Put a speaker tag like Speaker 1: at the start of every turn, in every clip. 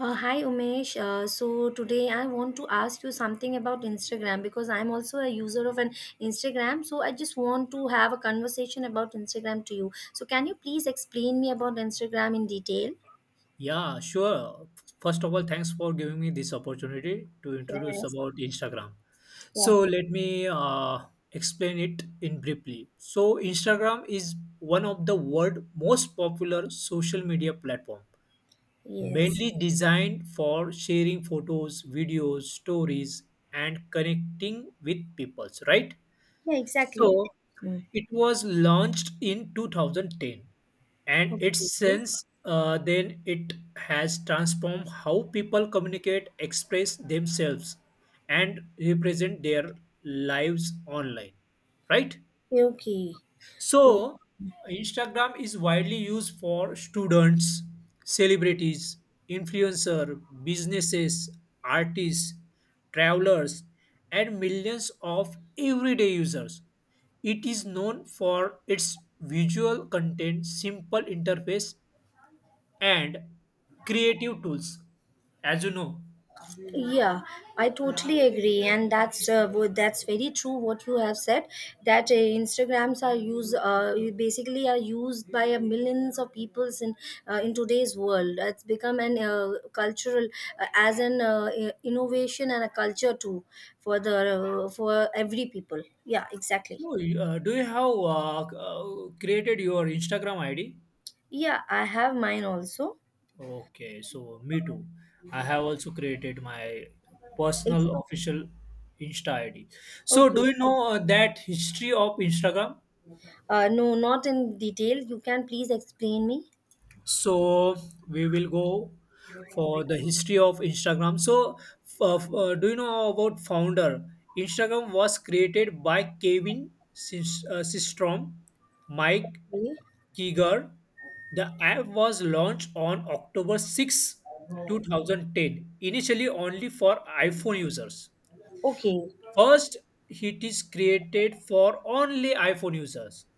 Speaker 1: Hi Umesh. So today I want to ask you something about Instagram because I'm also a user of an Instagram. So I just want to have a conversation about Instagram to you. So can you please explain me about Instagram in detail?
Speaker 2: Yeah, sure. First of all, thanks for giving me this opportunity to introduce
Speaker 1: Yes,
Speaker 2: about Instagram.
Speaker 1: yeah.
Speaker 2: So let me explain it in briefly. So Instagram is one of the world most popular social media platform,
Speaker 1: Yes.
Speaker 2: mainly designed for sharing photos, videos, stories, and connecting with peoples, right?
Speaker 1: Yeah, exactly.
Speaker 2: So
Speaker 1: Mm.
Speaker 2: it was launched in 2010, and it's
Speaker 1: Okay,
Speaker 2: since then it has transformed how people communicate, express themselves, and represent their lives online. Right?
Speaker 1: okay. So
Speaker 2: So, Instagram is widely used for students, celebrities, influencer, businesses, artists, travelers, and millions of everyday users. It is known for its visual content, simple interface, and creative tools, as you know.
Speaker 1: Yeah, I totally agree, and that's very true. What you have said that Instagrams are used you basically are used by millions of peoples in today's world. It's become an cultural as an innovation and a culture too for the for every people. Yeah, exactly.
Speaker 2: So, do you have created your Instagram ID?
Speaker 1: Yeah, I have mine also.
Speaker 2: Okay, so me too. I have also created my
Speaker 1: Ex-
Speaker 2: personal official Insta ID. So,
Speaker 1: Okay.
Speaker 2: do you know that history of Instagram?
Speaker 1: No, not in detail. You can please explain me.
Speaker 2: So, we will go for the history of Instagram. So, do you know about founder? Instagram was created by Kevin Systrom, Mike Kiger. The app was launched on October 6, 2010, initially only for iPhone users.
Speaker 1: Okay.
Speaker 2: First, it is created for only iPhone users.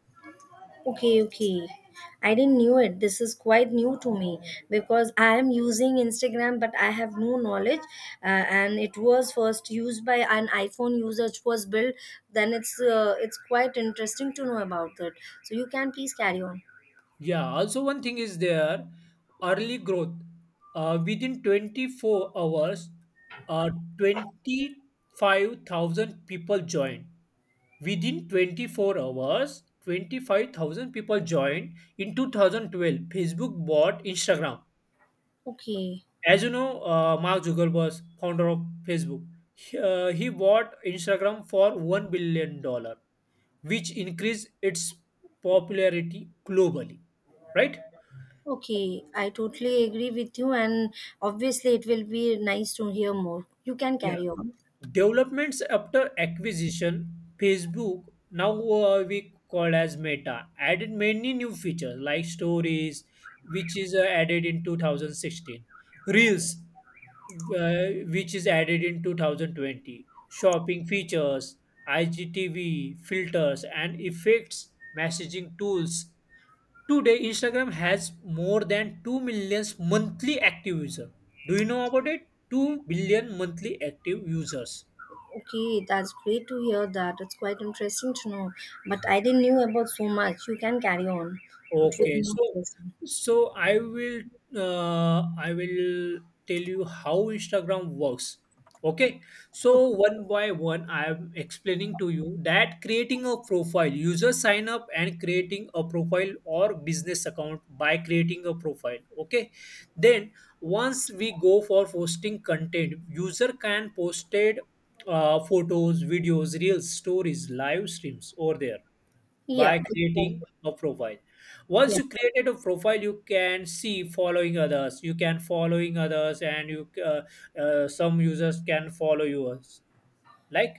Speaker 1: Okay, okay. I didn't knew it. This is quite new to me because I am using Instagram, but I have no knowledge. And it was first used by an iPhone user. It was built. Then it's quite interesting to know about that. So you can please carry on.
Speaker 2: Yeah, also one thing is there early growth. Within 24 hours, uh, 25,000 people joined. Within 24 hours, 25,000 people joined. In 2012, Facebook bought Instagram.
Speaker 1: Okay.
Speaker 2: As you know, Mark Zuckerberg, founder of Facebook, he bought Instagram for 1 billion dollar, which increased its popularity globally. Right?
Speaker 1: Okay, I totally agree with you, and obviously, it will be nice to hear more. You can
Speaker 2: Yeah.
Speaker 1: carry on.
Speaker 2: Developments after acquisition, Facebook, now we call as Meta, added many new features like stories, which is added in 2016, Reels, which is added in 2020, shopping features, IGTV filters and effects, messaging tools. Today, Instagram has more than 2 million monthly active users. Do you know about it? 2 billion monthly active users.
Speaker 1: Okay, that's great to hear that. It's quite interesting to know. But I didn't knew about so much. You can carry on. It will be
Speaker 2: Okay,
Speaker 1: more
Speaker 2: so
Speaker 1: interesting.
Speaker 2: so I will tell you how Instagram works. Okay, so one by one, I am explaining to you that creating a profile, user sign up and creating a profile or business account by creating a profile. Okay, then once we go for posting content, user can posted photos, videos, reels, stories, live streams over there by
Speaker 1: Yeah,
Speaker 2: creating
Speaker 1: exactly.
Speaker 2: a profile. Once
Speaker 1: Yeah.
Speaker 2: you created a profile, you can see following others. You can following others, and you some users can follow yours. Like,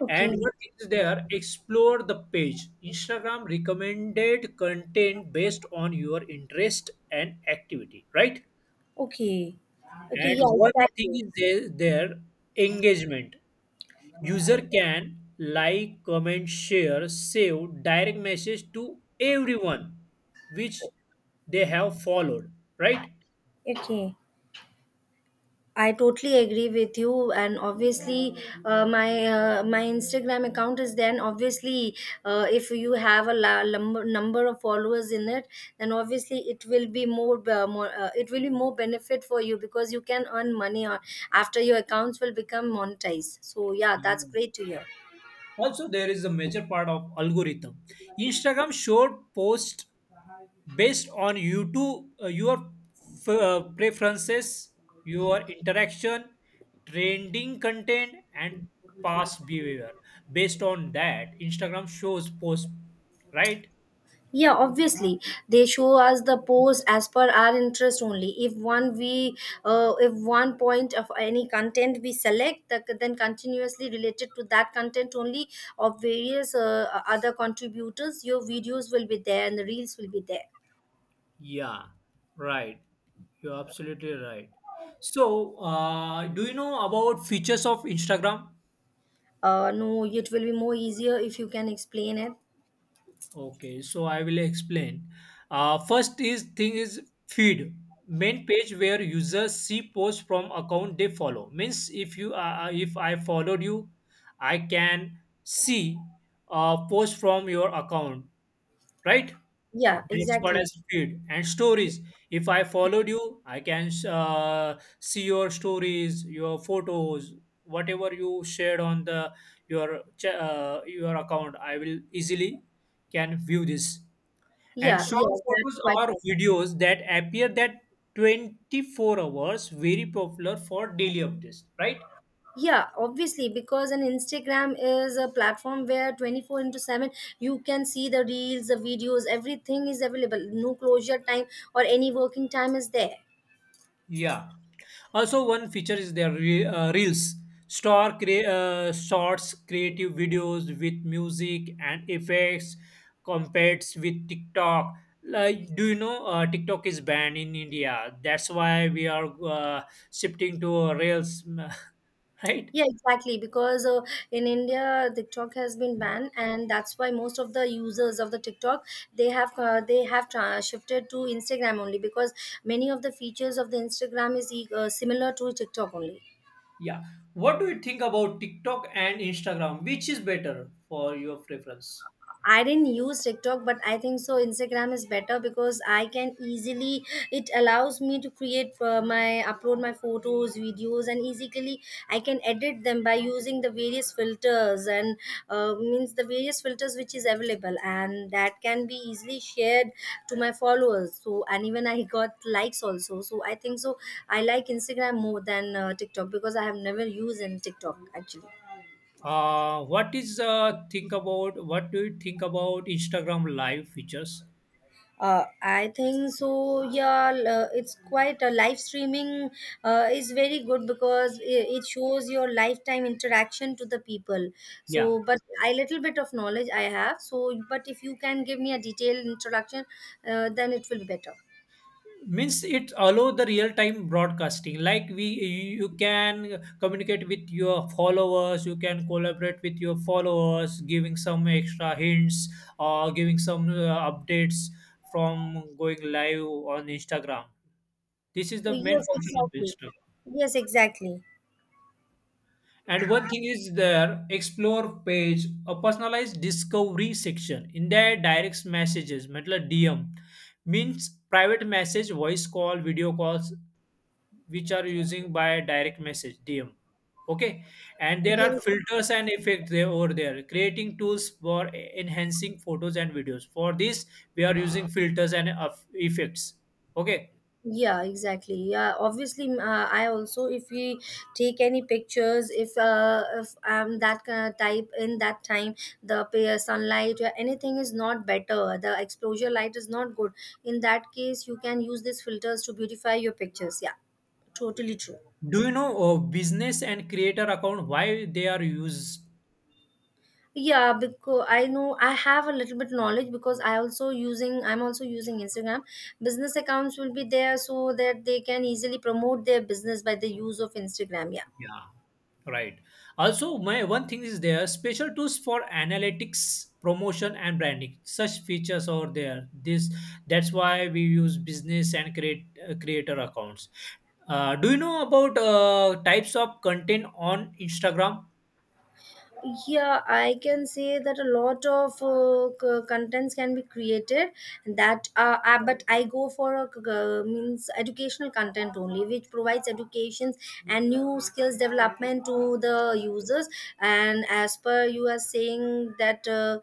Speaker 1: Okay.
Speaker 2: and what is there, explore the page. Instagram recommended content based on your interest and activity, right?
Speaker 1: Okay. Okay.
Speaker 2: And
Speaker 1: Yeah,
Speaker 2: one thing
Speaker 1: exactly.
Speaker 2: is there, there engagement. User can like, comment, share, save, direct message to everyone which they have followed, right?
Speaker 1: Okay. I totally agree with you, and obviously, my Instagram account is then obviously, if you have a number of followers in it, then obviously it will be more, it will be more benefit for you because you can earn money on, after your accounts will become monetized. So yeah, that's
Speaker 2: Yeah.
Speaker 1: great to hear.
Speaker 2: Also, there is a major part of algorithm. Instagram showed posts based on your preferences, your interaction, trending content, and past behavior. Based on that, Instagram shows posts, right?
Speaker 1: Yeah, obviously they show us the post as per our interest only. If one point of any content we select, the, then continuously related to that content only of various other contributors, your videos will be there and the reels will be there.
Speaker 2: Yeah, right. You're absolutely right. So, do you know about features of Instagram?
Speaker 1: No, it will be more easier if you can explain it.
Speaker 2: Okay, so I will explain. First is thing is feed, main page where users see posts from account they follow. Means if you if I followed you, I can see post from your account, right?
Speaker 1: Yeah,
Speaker 2: That's what
Speaker 1: exactly.
Speaker 2: as feed and stories. If I followed you, I can see your stories, your photos, whatever you shared on your account. I will easily can view this. And
Speaker 1: Yeah, yeah,
Speaker 2: short
Speaker 1: that's
Speaker 2: photos
Speaker 1: quite
Speaker 2: or
Speaker 1: possible.
Speaker 2: videos that appear that 24 hours very popular for daily updates, right?
Speaker 1: Yeah, obviously, because an instagram is a platform where 24 into 7 you can see the reels, the videos, everything is available. No closure time or any working time is there.
Speaker 2: Yeah. Also, one feature is their reels, shorts, creative videos with music and effects compared with TikTok. Like, do you know TikTok is banned in India? That's why we are shifting to reels, right?
Speaker 1: Yeah, exactly, because in india tiktok has been banned, and that's why most of the users of the tiktok shifted to instagram only because many of the features of the instagram is similar to tiktok only.
Speaker 2: Yeah. What do you think about TikTok and Instagram? Which is better for your preference?
Speaker 1: I didn't use TikTok, but I think so. Instagram is better because I can easily. It allows me to create my upload my photos, videos, and easily I can edit them by using the various filters and means the various filters which is available, and that can be easily shared to my followers. So and even I got likes also. So I think so. I like Instagram more than TikTok because I have never used in TikTok actually.
Speaker 2: What is think about? What do you think about Instagram live features?
Speaker 1: I think so. It's quite a live streaming is very good because it shows your lifetime interaction to the people.
Speaker 2: Yeah.
Speaker 1: So, but I little bit of knowledge I have. So, but if you can give me a detailed introduction, then it will be better.
Speaker 2: Means it allow the real time broadcasting. Like, we you can communicate with your followers. You can collaborate with your followers, giving some extra hints or giving some updates from going live on Instagram. This is the main
Speaker 1: Yes,
Speaker 2: function of
Speaker 1: exactly.
Speaker 2: Instagram.
Speaker 1: Yes, exactly.
Speaker 2: And one thing is their explore page, a personalized discovery section. In their direct messages, मतलब DM means private message, voice call, video calls, which are using by direct message DM. Okay, and there are
Speaker 1: Yes.
Speaker 2: filters and effects there over there. Creating tools for enhancing photos and videos. For this, we are using filters and effects. Okay,
Speaker 1: Yeah, exactly. Yeah, obviously, I also, if we take any pictures, if I'm that kind of type in that time, the sunlight or anything is not better. The exposure light is not good. In that case, you can use these filters to beautify your pictures. Yeah.
Speaker 2: do you know business and creator account why they are used?
Speaker 1: Yeah, because I know I have a little bit knowledge because I'm also using Instagram. Business accounts will be there so that they can easily promote their business by the use of Instagram. Yeah.
Speaker 2: Yeah. Right. Also, my one thing is there special tools for analytics, promotion, and branding. Such features are there. This That's why we use business and create creator accounts. Do you know about types of content on Instagram?
Speaker 1: Yeah, I can say that a lot of contents can be created that but I go for a c- means educational content only which provides educations and new skills development to the users, and as per you are saying that uh,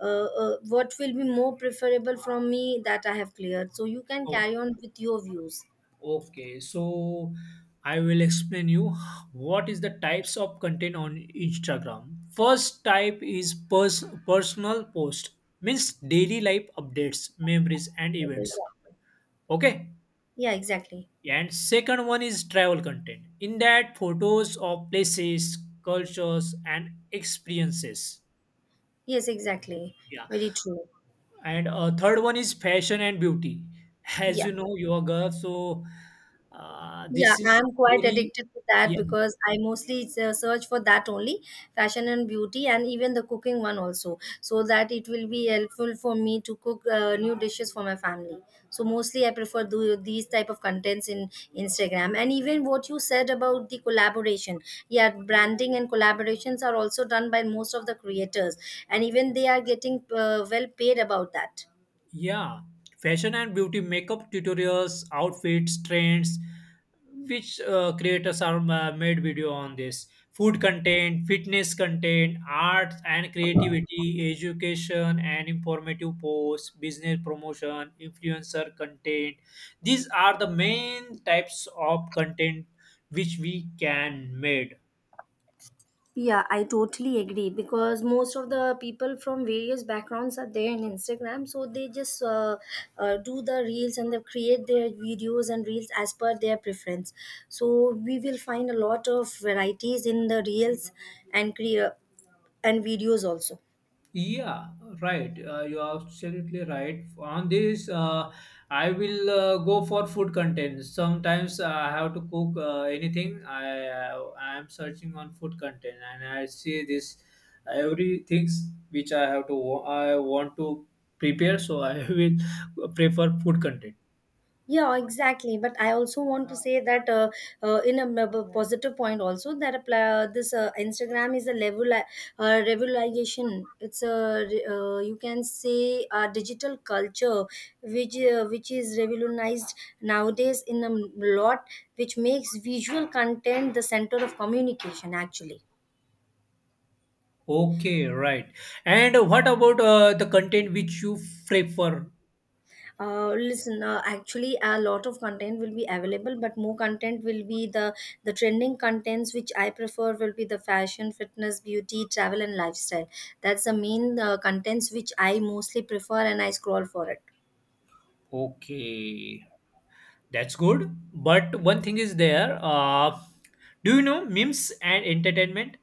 Speaker 1: uh, uh, what will be more preferable from me that I have cleared, so you can
Speaker 2: Oh,
Speaker 1: carry on with your views.
Speaker 2: okay. So I will explain you what is the types of content on Instagram. First type is personal post means daily life updates, memories, and events.
Speaker 1: Exactly.
Speaker 2: Okay.
Speaker 1: Yeah, exactly.
Speaker 2: And second one is travel content. In that, photos of places, cultures, and experiences.
Speaker 1: Yes, exactly.
Speaker 2: Yeah.
Speaker 1: Very true.
Speaker 2: And third one is fashion and beauty. As
Speaker 1: Yeah.
Speaker 2: you know, you are girl, so
Speaker 1: Yeah,
Speaker 2: this is
Speaker 1: I'm quite
Speaker 2: very,
Speaker 1: addicted to that
Speaker 2: yeah.
Speaker 1: because I mostly search for that only, fashion and beauty, and even the cooking one also, so that it will be helpful for me to cook new dishes for my family. So mostly I prefer do these type of contents in Instagram, and even what you said about the collaboration. Yeah, branding and collaborations are also done by most of the creators, and even they are getting well paid about that.
Speaker 2: Yeah, fashion and beauty makeup tutorials, outfits, trends, which creators are made video on this. Food content, fitness content, arts and creativity, education and informative posts, business promotion, influencer content. These are the main types of content which we can made.
Speaker 1: Yeah, I totally agree because most of the people from various backgrounds are there in Instagram, so they just do the reels and they create their videos and reels as per their preference. So we will find a lot of varieties in the reels and crea- and videos also.
Speaker 2: Yeah, right. You are absolutely right. On this, I will go for food content. Sometimes I have to cook anything. I am searching on food content, and I see this every things which I have to I want to prepare. So I will prefer food content.
Speaker 1: Yeah, exactly. But I also want to say that in a positive point also that apply, this Instagram is a level revolution. You can say a digital culture which is revolutionized nowadays in a lot, which makes visual content the center of communication actually.
Speaker 2: Okay, right. And what about the content which you prefer?
Speaker 1: Listen, actually, a lot of content will be available, but more content will be the trending contents which I prefer will be the fashion, fitness, beauty, travel, and lifestyle. That's the main contents which I mostly prefer, and I scroll for it.
Speaker 2: Okay. That's good. But one thing is there. Do you know memes and entertainment?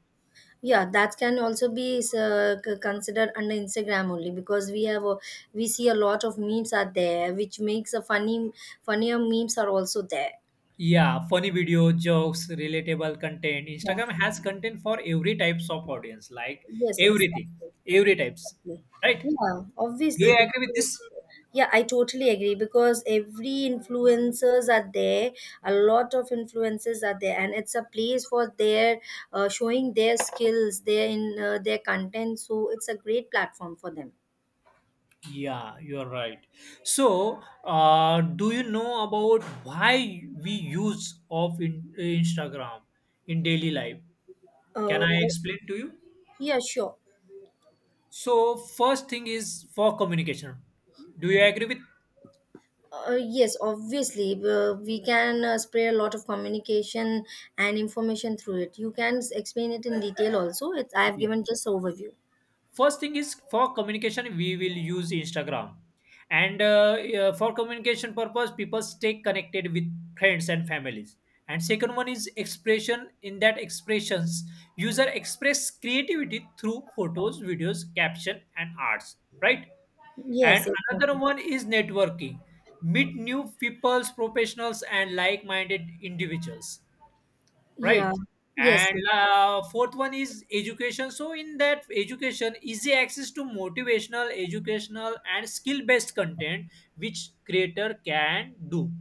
Speaker 1: Yeah, that can also be considered under Instagram only because we see a lot of memes are there, which makes a funny funnier memes are also there.
Speaker 2: Yeah, funny video, jokes, relatable content.
Speaker 1: Yeah.
Speaker 2: Instagram has content for every types of audience, like
Speaker 1: Yes,
Speaker 2: everything,
Speaker 1: exactly.
Speaker 2: every types.
Speaker 1: Exactly.
Speaker 2: Right?
Speaker 1: Yeah,
Speaker 2: Do
Speaker 1: obviously,
Speaker 2: you
Speaker 1: because
Speaker 2: agree with this?
Speaker 1: yeah, I totally agree because every influencers are there, a lot of influencers are there, and it's a place for their showing their skills, their in their content. So it's a great platform for them.
Speaker 2: Yeah, you are right. So, do you know about why we use Instagram in daily life? Can
Speaker 1: Uh,
Speaker 2: I
Speaker 1: o-
Speaker 2: explain to you?
Speaker 1: yeah, sure.
Speaker 2: So first thing is for communication. Do you agree with?
Speaker 1: Yes, obviously, we can spread a lot of communication and information through it. You can explain it in detail also. It's I have
Speaker 2: Yeah.
Speaker 1: given just overview.
Speaker 2: First thing is for communication we will use Instagram, and yeah, for communication purpose people stay connected with friends and families. And second one is expression. In that expressions, user express creativity through photos, videos, caption, and arts. Right.
Speaker 1: Yes,
Speaker 2: And another
Speaker 1: exactly.
Speaker 2: one is networking. Meet new peoples, professionals, and like minded individuals.
Speaker 1: Yeah,
Speaker 2: Right.
Speaker 1: yes,
Speaker 2: And
Speaker 1: yes.
Speaker 2: fourth one is education. So in that education, easy access to motivational, educational, and skill based content which creator can do,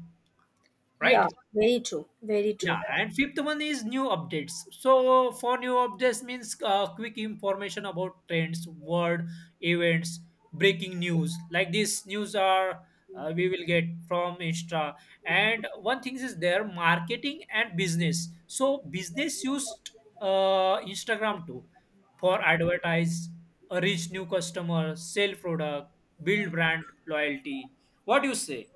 Speaker 1: Yeah,
Speaker 2: right?
Speaker 1: very true, very true.
Speaker 2: Yeah. And fifth one is new updates. So for new updates means quick information about trends, word, events, breaking news. Like this news are we will get from Insta. And one thing is there marketing and business. So business used Instagram too for advertise, reach new customer, sell product, build brand loyalty. What do you say?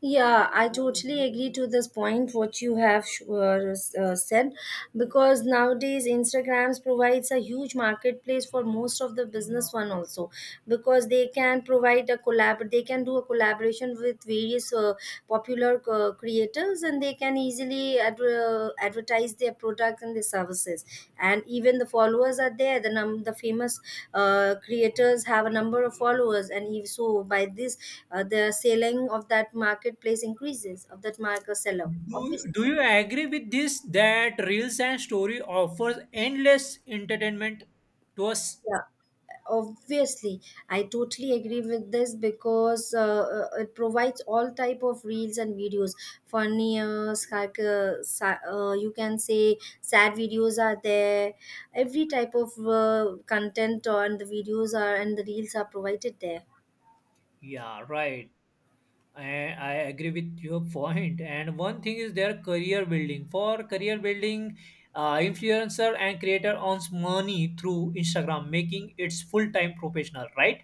Speaker 1: Yeah, I totally agree to this point what you have said because nowadays Instagrams provides a huge marketplace for most of the business one also because they can provide a collab, they can do a collaboration with various popular creators, and they can easily advertise their products and their services, and even the followers are there, the the famous creators have a number of followers, and if so, by this, the selling of that marketplace increases of that market seller
Speaker 2: Do,
Speaker 1: obviously.
Speaker 2: do you agree with this that Reels and Story offers endless entertainment to us?
Speaker 1: Yeah, obviously, I totally agree with this because it provides all type of reels and videos. Funny, you can say sad videos are there. Every type of content on the videos are, and the reels are provided there.
Speaker 2: Yeah, right. I, I agree with your point. And one thing is their career building. For career building, influencer and creator earns money through Instagram, making its full time professional, right?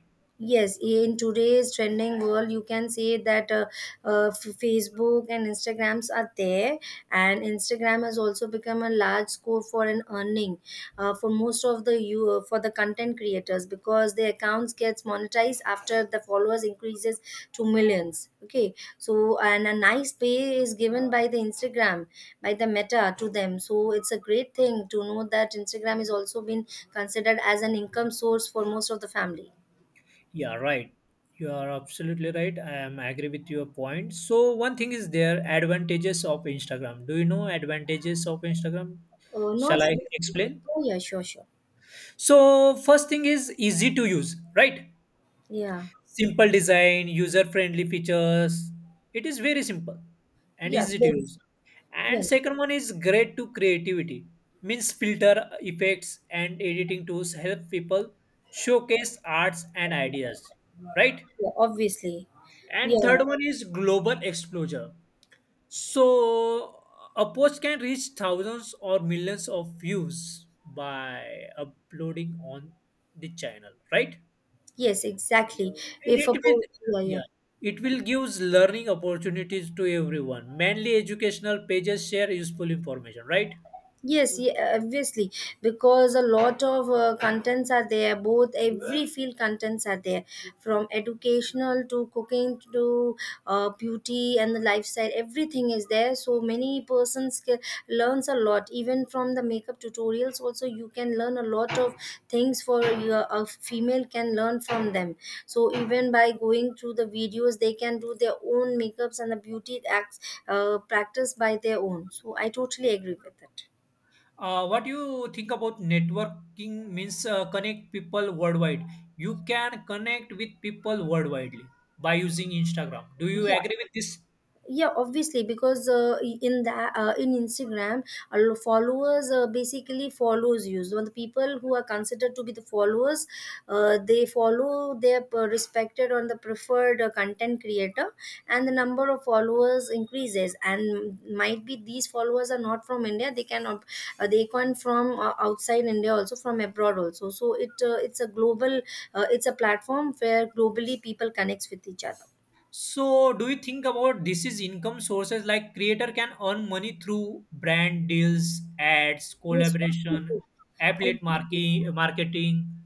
Speaker 1: Yes, in today's trending world you can say that facebook and instagrams are there, and instagram has also become a large scope for an earning for most of the you for the content creators because their accounts gets monetized after the followers increases to millions. Okay, so and a nice pay is given by the instagram, by the meta to them, so it's a great thing to know that instagram is also been considered as an income source for most of the family.
Speaker 2: Yeah, right. You are absolutely right. I am agree with your point. So one thing is there advantages of Instagram. Do you know advantages of Instagram?
Speaker 1: Oh, not
Speaker 2: Shall
Speaker 1: so.
Speaker 2: I explain?
Speaker 1: Oh, yeah, sure, sure.
Speaker 2: So first thing is easy to use, right?
Speaker 1: Yeah,
Speaker 2: Simple design, user friendly features. It is very simple and
Speaker 1: yeah,
Speaker 2: easy to
Speaker 1: please.
Speaker 2: use.
Speaker 1: Yeah,
Speaker 2: And second one is great to creativity. Means filter effects and editing tools help people showcase arts and ideas, right?
Speaker 1: yeah, obviously.
Speaker 2: And
Speaker 1: Yeah,
Speaker 2: third one is global exposure. So a post can reach thousands or millions of views by uploading on the channel, right?
Speaker 1: yes, exactly.
Speaker 2: And
Speaker 1: If a
Speaker 2: it will,
Speaker 1: po- Yeah, yeah.
Speaker 2: yeah, it will gives learning opportunities to everyone. Mainly educational pages share useful information, right?
Speaker 1: Yes, yeah, obviously, because a lot of contents are there. Both every field contents are there, from educational to cooking to beauty and the lifestyle. Everything is there. So many persons learns a lot. Even from the makeup tutorials, also you can learn a lot of things for your a female can learn from them. So even by going through the videos, they can do their own makeups and the beauty acts practice by their own. So I totally agree with it.
Speaker 2: What do you think about networking means connect people worldwide? You can connect with people worldwide by using Instagram. Do you
Speaker 1: Yeah,
Speaker 2: agree with this?
Speaker 1: yeah, obviously, because in that in Instagram, a followers basically follows you. So the people who are considered to be the followers, they follow their respected or the preferred content creator, and the number of followers increases. And might be these followers are not from India; they come from outside India, also from abroad, also. So it's a it's a platform where globally people connects with each other.
Speaker 2: So, do you think about this is income sources like creator can earn money through brand deals, ads,
Speaker 1: Yes,
Speaker 2: collaboration,
Speaker 1: obviously.
Speaker 2: affiliate
Speaker 1: Obviously.
Speaker 2: marketing?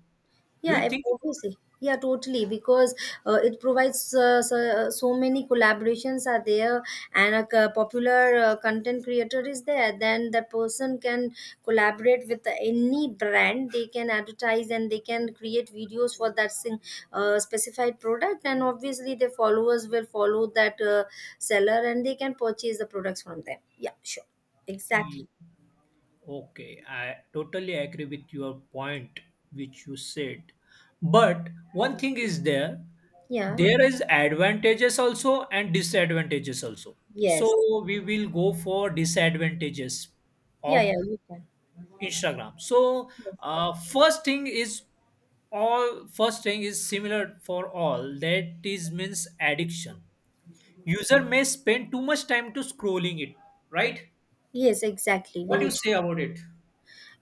Speaker 2: Do
Speaker 1: Yeah,
Speaker 2: you think?
Speaker 1: obviously. Yeah, totally. Because it provides so many collaborations are there, and a popular content creator is there. Then that person can collaborate with any brand. They can advertise and they can create videos for that specified product. And obviously, their followers will follow that seller, and they can purchase the products from them. Yeah, sure, exactly.
Speaker 2: Yeah, okay, I totally agree with your point which you said. But one thing is there,
Speaker 1: Yeah.
Speaker 2: there is advantages also and disadvantages also.
Speaker 1: Yes.
Speaker 2: So we will go for disadvantages
Speaker 1: Yeah. Yeah.
Speaker 2: of
Speaker 1: You can.
Speaker 2: Instagram. So uh, first thing is first thing is similar for all that is means addiction. User may spend too much time to scrolling it, right?
Speaker 1: Yes, exactly.
Speaker 2: What do
Speaker 1: Very
Speaker 2: you
Speaker 1: true.
Speaker 2: say about it?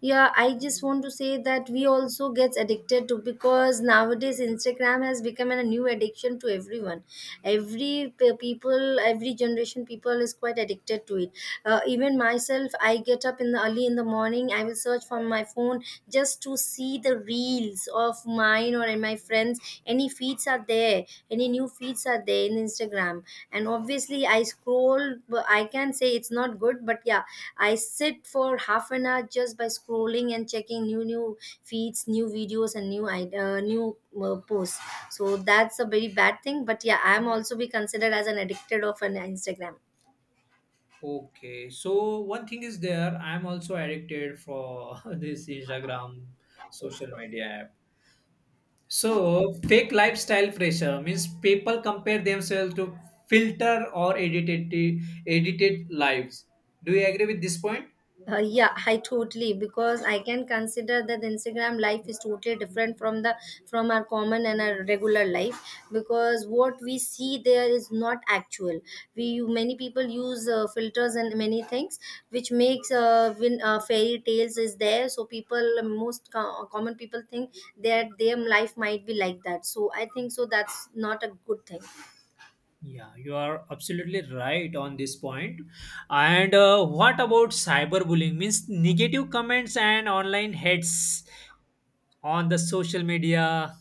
Speaker 1: Yeah, I just want to say that we also gets addicted to because nowadays Instagram has become a new addiction to everyone. Every people, every generation people is quite addicted to it. Even myself, I get up in the early in the morning. I will search from my phone just to see the reels of mine or my friends, any feeds are there, any new feeds are there in Instagram, and obviously I scroll. But I can say it's not good, but yeah, I sit for half an hour just by scrolling and checking new feeds, new videos, and new posts. So that's a very bad thing, but yeah, I'm also be considered as an addicted of an Instagram.
Speaker 2: Okay, so one thing is there. I'm also addicted for this Instagram social media app. So fake lifestyle pressure means people compare themselves to filter or edited lives. Do you agree with this point?
Speaker 1: Yeah, I totally, because I can consider that Instagram life is totally different from the from our common and our regular life, because what we see there is not actual. We, many people use filters and many things which makes when fairy tales is there. So people, most common people think that their life might be like that. So I think so that's not a good thing.
Speaker 2: Yeah, you are absolutely right on this point. And what about cyberbullying? Means negative comments and online hits on the social media,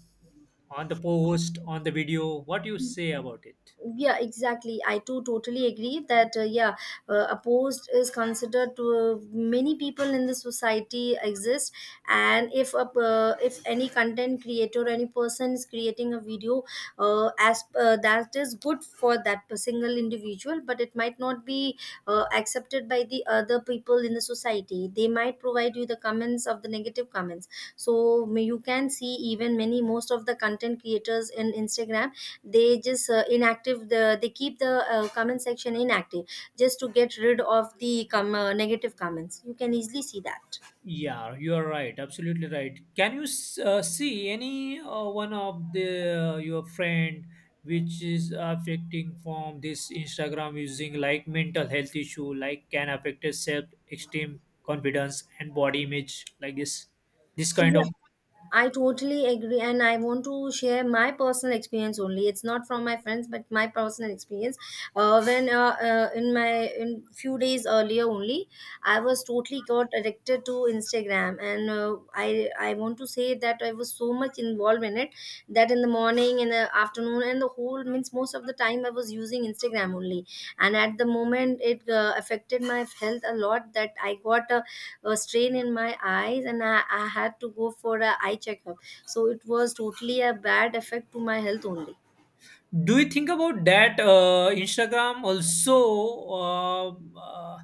Speaker 2: on the post, on the video. What do you say about it?
Speaker 1: Yeah, exactly, I too totally agree that yeah, opposed is considered to many people in the society exist. And if a if any content creator, any person is creating a video, as that is good for that single individual, but it might not be accepted by the other people in the society. They might provide you the comments of the negative comments. So you can see, even many, most of the content creators in Instagram, they just inactive the they keep the comment section inactive, just to get rid of the negative comments. You can easily see that.
Speaker 2: Yeah, you are right. Absolutely right. Can you see any one of the your friend which is affecting from this Instagram using, like, mental health issue, like can affect his self esteem, confidence, and body image, like this kind
Speaker 1: Yeah,
Speaker 2: of.
Speaker 1: I totally agree, and I want to share my personal experience only. It's not from my friends, but my personal experience. When in my in few days earlier only, I was totally got addicted to Instagram, and I want to say that I was so much involved in it, that in the morning, in the afternoon, and the whole, means most of the time I was using Instagram only. And at the moment, it affected my health a lot, that I got a strain in my eyes, and I had to go for a eye checkup. So it was totally a bad effect to my health only.
Speaker 2: Do you think about that? Instagram also uh,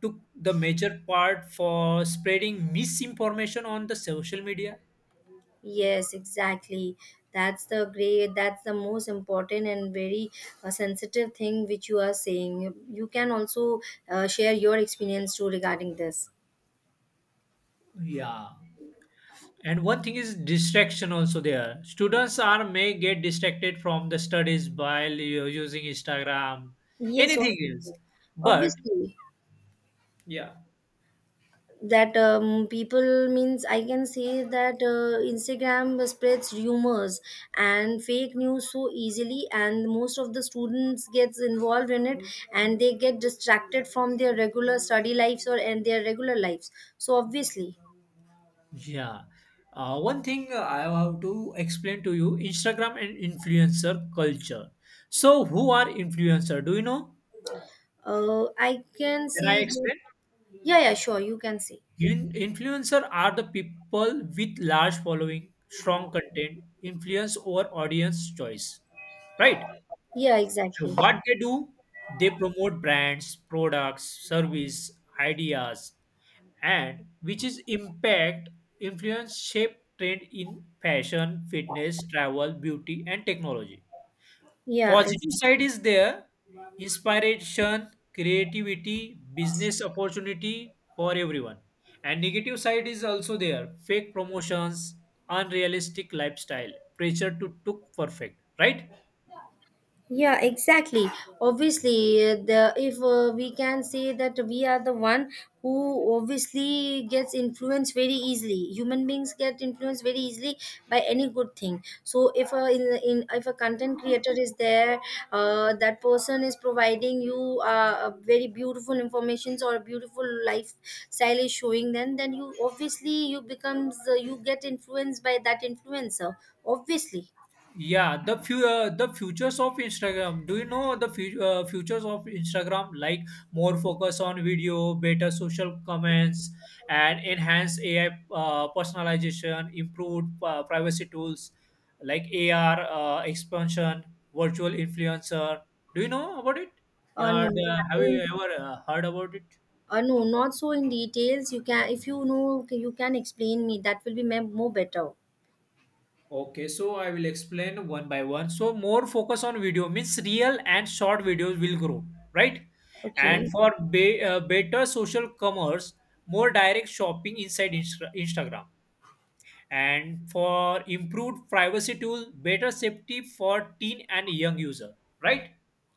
Speaker 2: took the major part for spreading misinformation on the social media.
Speaker 1: Yes, exactly. That's the most important and very sensitive thing which you are saying. You can also share your experience too regarding this.
Speaker 2: Yeah. And one thing is distraction also there. Students are may get distracted from the studies by using Instagram,
Speaker 1: Yes,
Speaker 2: anything
Speaker 1: obviously.
Speaker 2: else. But
Speaker 1: Obviously,
Speaker 2: yeah.
Speaker 1: that people, means I can say that Instagram spreads rumors and fake news so easily, and most of the students gets involved in it, and they get distracted from their regular study lives or and their regular lives. So obviously,
Speaker 2: Yeah, one thing I have to explain to you: Instagram and influencer culture. So, who are influencer? Do you know?
Speaker 1: I can
Speaker 2: Can I
Speaker 1: say that.
Speaker 2: explain?
Speaker 1: Yeah, yeah, sure, you can say.
Speaker 2: Influencer are the people with large following, strong content, influence over audience choice, right?
Speaker 1: Yeah, exactly.
Speaker 2: What they do, they promote brands, products, service, ideas, and which is impact, influence, shape trend in fashion, fitness, travel, beauty, and technology.
Speaker 1: Yeah,
Speaker 2: Positive
Speaker 1: exactly.
Speaker 2: side is there: inspiration, creativity, business opportunity for everyone. And negative side is also there: fake promotions, unrealistic lifestyle, pressure to look perfect, right?
Speaker 1: Yeah, exactly, obviously. The if We can say that we are the one who obviously gets influenced very easily. Human beings get influenced very easily by any good thing. So if a in if a content creator is there, that person is providing you a very beautiful informations or a beautiful lifestyle is showing, then you obviously, you get influenced by that influencer, obviously.
Speaker 2: Yeah, the the futures of Instagram. Do you know the futures of Instagram? Like more focus on video, better social comments, and enhanced AI personalization, improved privacy tools, like AR expansion, virtual influencer. Do you know about it? Yeah,
Speaker 1: No.
Speaker 2: have you ever heard about it?
Speaker 1: No, not so in details. You can, if you know, okay, you can explain me. That will be more better.
Speaker 2: Okay, so I will explain one by one. So more focus on video means real and short videos will grow, right? And
Speaker 1: Okay.
Speaker 2: for better social commerce, more direct shopping inside Instagram. And for improved privacy tool, better safety for teen and young user, right?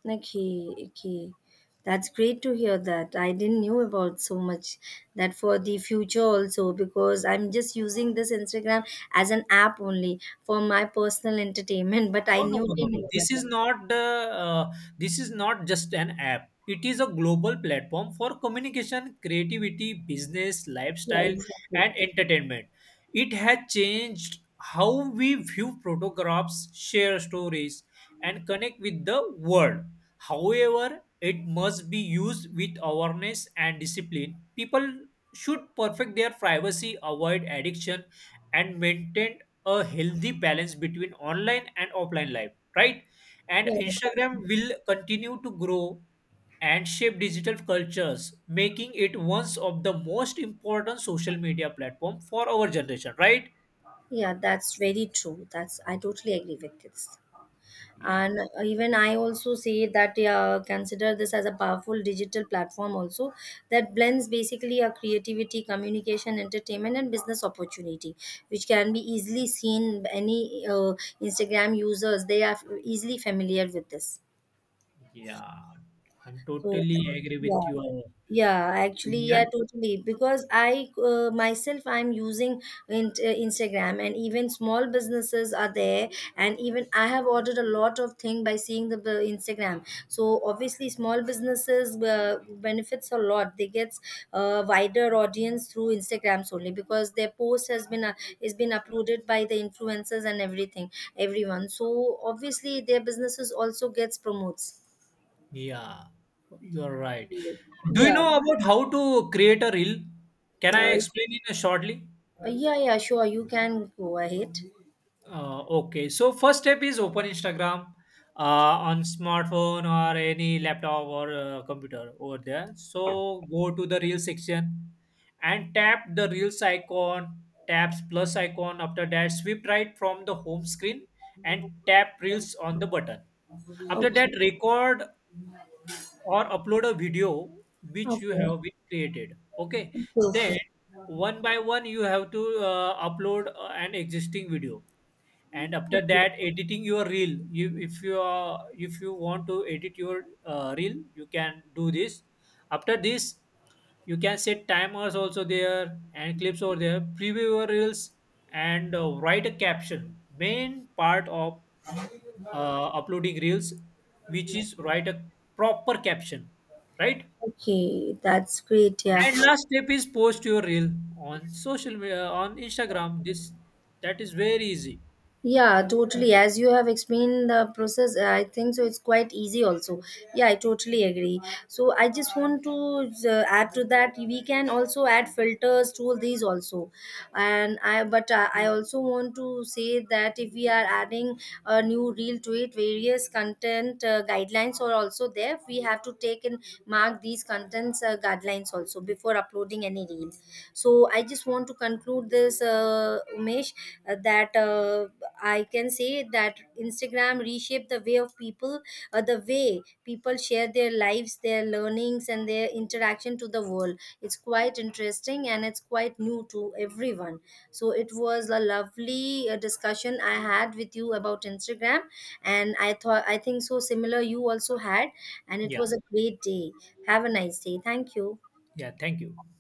Speaker 1: Okay, okay. That's great to hear that. I didn't knew about so much that for the future also, because I'm just using this Instagram as an app only for my personal entertainment, but I
Speaker 2: No, no,
Speaker 1: knew
Speaker 2: no, no,
Speaker 1: didn't
Speaker 2: no.
Speaker 1: know
Speaker 2: This is
Speaker 1: better.
Speaker 2: not the. This is not just an app. It is a global platform for communication, creativity, business,
Speaker 1: Yeah,
Speaker 2: lifestyle,
Speaker 1: exactly.
Speaker 2: and entertainment. It has changed how we view photographs, share stories, and connect with the world. However, it must be used with awareness and discipline. People should perfect their privacy, avoid addiction, and maintain a healthy balance between online and offline life, right? And
Speaker 1: Yeah,
Speaker 2: Instagram
Speaker 1: exactly.
Speaker 2: will continue to grow and shape digital cultures, making it one of the most important social media platform for our generation, right?
Speaker 1: Yeah, that's very true. That's, I totally agree with this.
Speaker 2: Yeah,
Speaker 1: And even I also say that consider this as a powerful digital platform also, that blends basically a creativity, communication, entertainment, and business opportunity, which can be easily seen. Any Instagram users, they are easily familiar with this.
Speaker 2: yeah. I'm
Speaker 1: So,
Speaker 2: totally agree
Speaker 1: yeah.
Speaker 2: with your
Speaker 1: Yeah, actually,
Speaker 2: opinion.
Speaker 1: yeah, totally. Because I myself, I'm using in, uh, Instagram, and even small businesses are there. And even I have ordered a lot of thing by seeing the Instagram. So obviously, small businesses benefits a lot. They gets a wider audience through Instagram solely, because their post has been is been uploaded by the influencers and everything, everyone. So obviously, their businesses also gets promotes.
Speaker 2: Yeah, you are right. Do you
Speaker 1: Yeah.
Speaker 2: know about how to create a reel? Can I
Speaker 1: Uh,
Speaker 2: explain it shortly?
Speaker 1: uh, yeah, yeah, sure. You can go ahead.
Speaker 2: Okay, so first step is open Instagram on smartphone or any laptop or computer over there. So go to the reel section and tap the reels icon, taps plus icon. After that, swipe right from the home screen and tap reels on the button. After
Speaker 1: Okay,
Speaker 2: that, record or upload a video which
Speaker 1: okay,
Speaker 2: you
Speaker 1: okay,
Speaker 2: have been created. Okay, then
Speaker 1: okay,
Speaker 2: one by one you have to upload an existing video, and after
Speaker 1: okay.
Speaker 2: that editing your reel, you if you want to edit your reel, you can do this. After this, you can set timers also there and clips over there, preview your reels and write a caption. Main part of uploading reels, which is write a proper caption, right?
Speaker 1: Okay, that's great. Yeah.
Speaker 2: And last step is post your reel on social media, on Instagram. This, that is very easy.
Speaker 1: Yeah, totally. As you have explained the process, I think so. It's quite easy, also. Yeah, I totally agree. So, I just want to add to that. We can also add filters to these also, and I. But I also want to say that if we are adding a new reel to it, various content guidelines are also there. We have to take and mark these contents guidelines also before uploading any reel. So, I just want to conclude this, Umesh, that I can say that Instagram reshaped the way of people, the way people share their lives, their learnings, and their interaction to the world. It's quite interesting and it's quite new to everyone. So it was a lovely discussion I had with you about Instagram, and I think so similar you also had, and it
Speaker 2: Yeah,
Speaker 1: was a great day. Have a nice day. Thank you.
Speaker 2: yeah, thank you.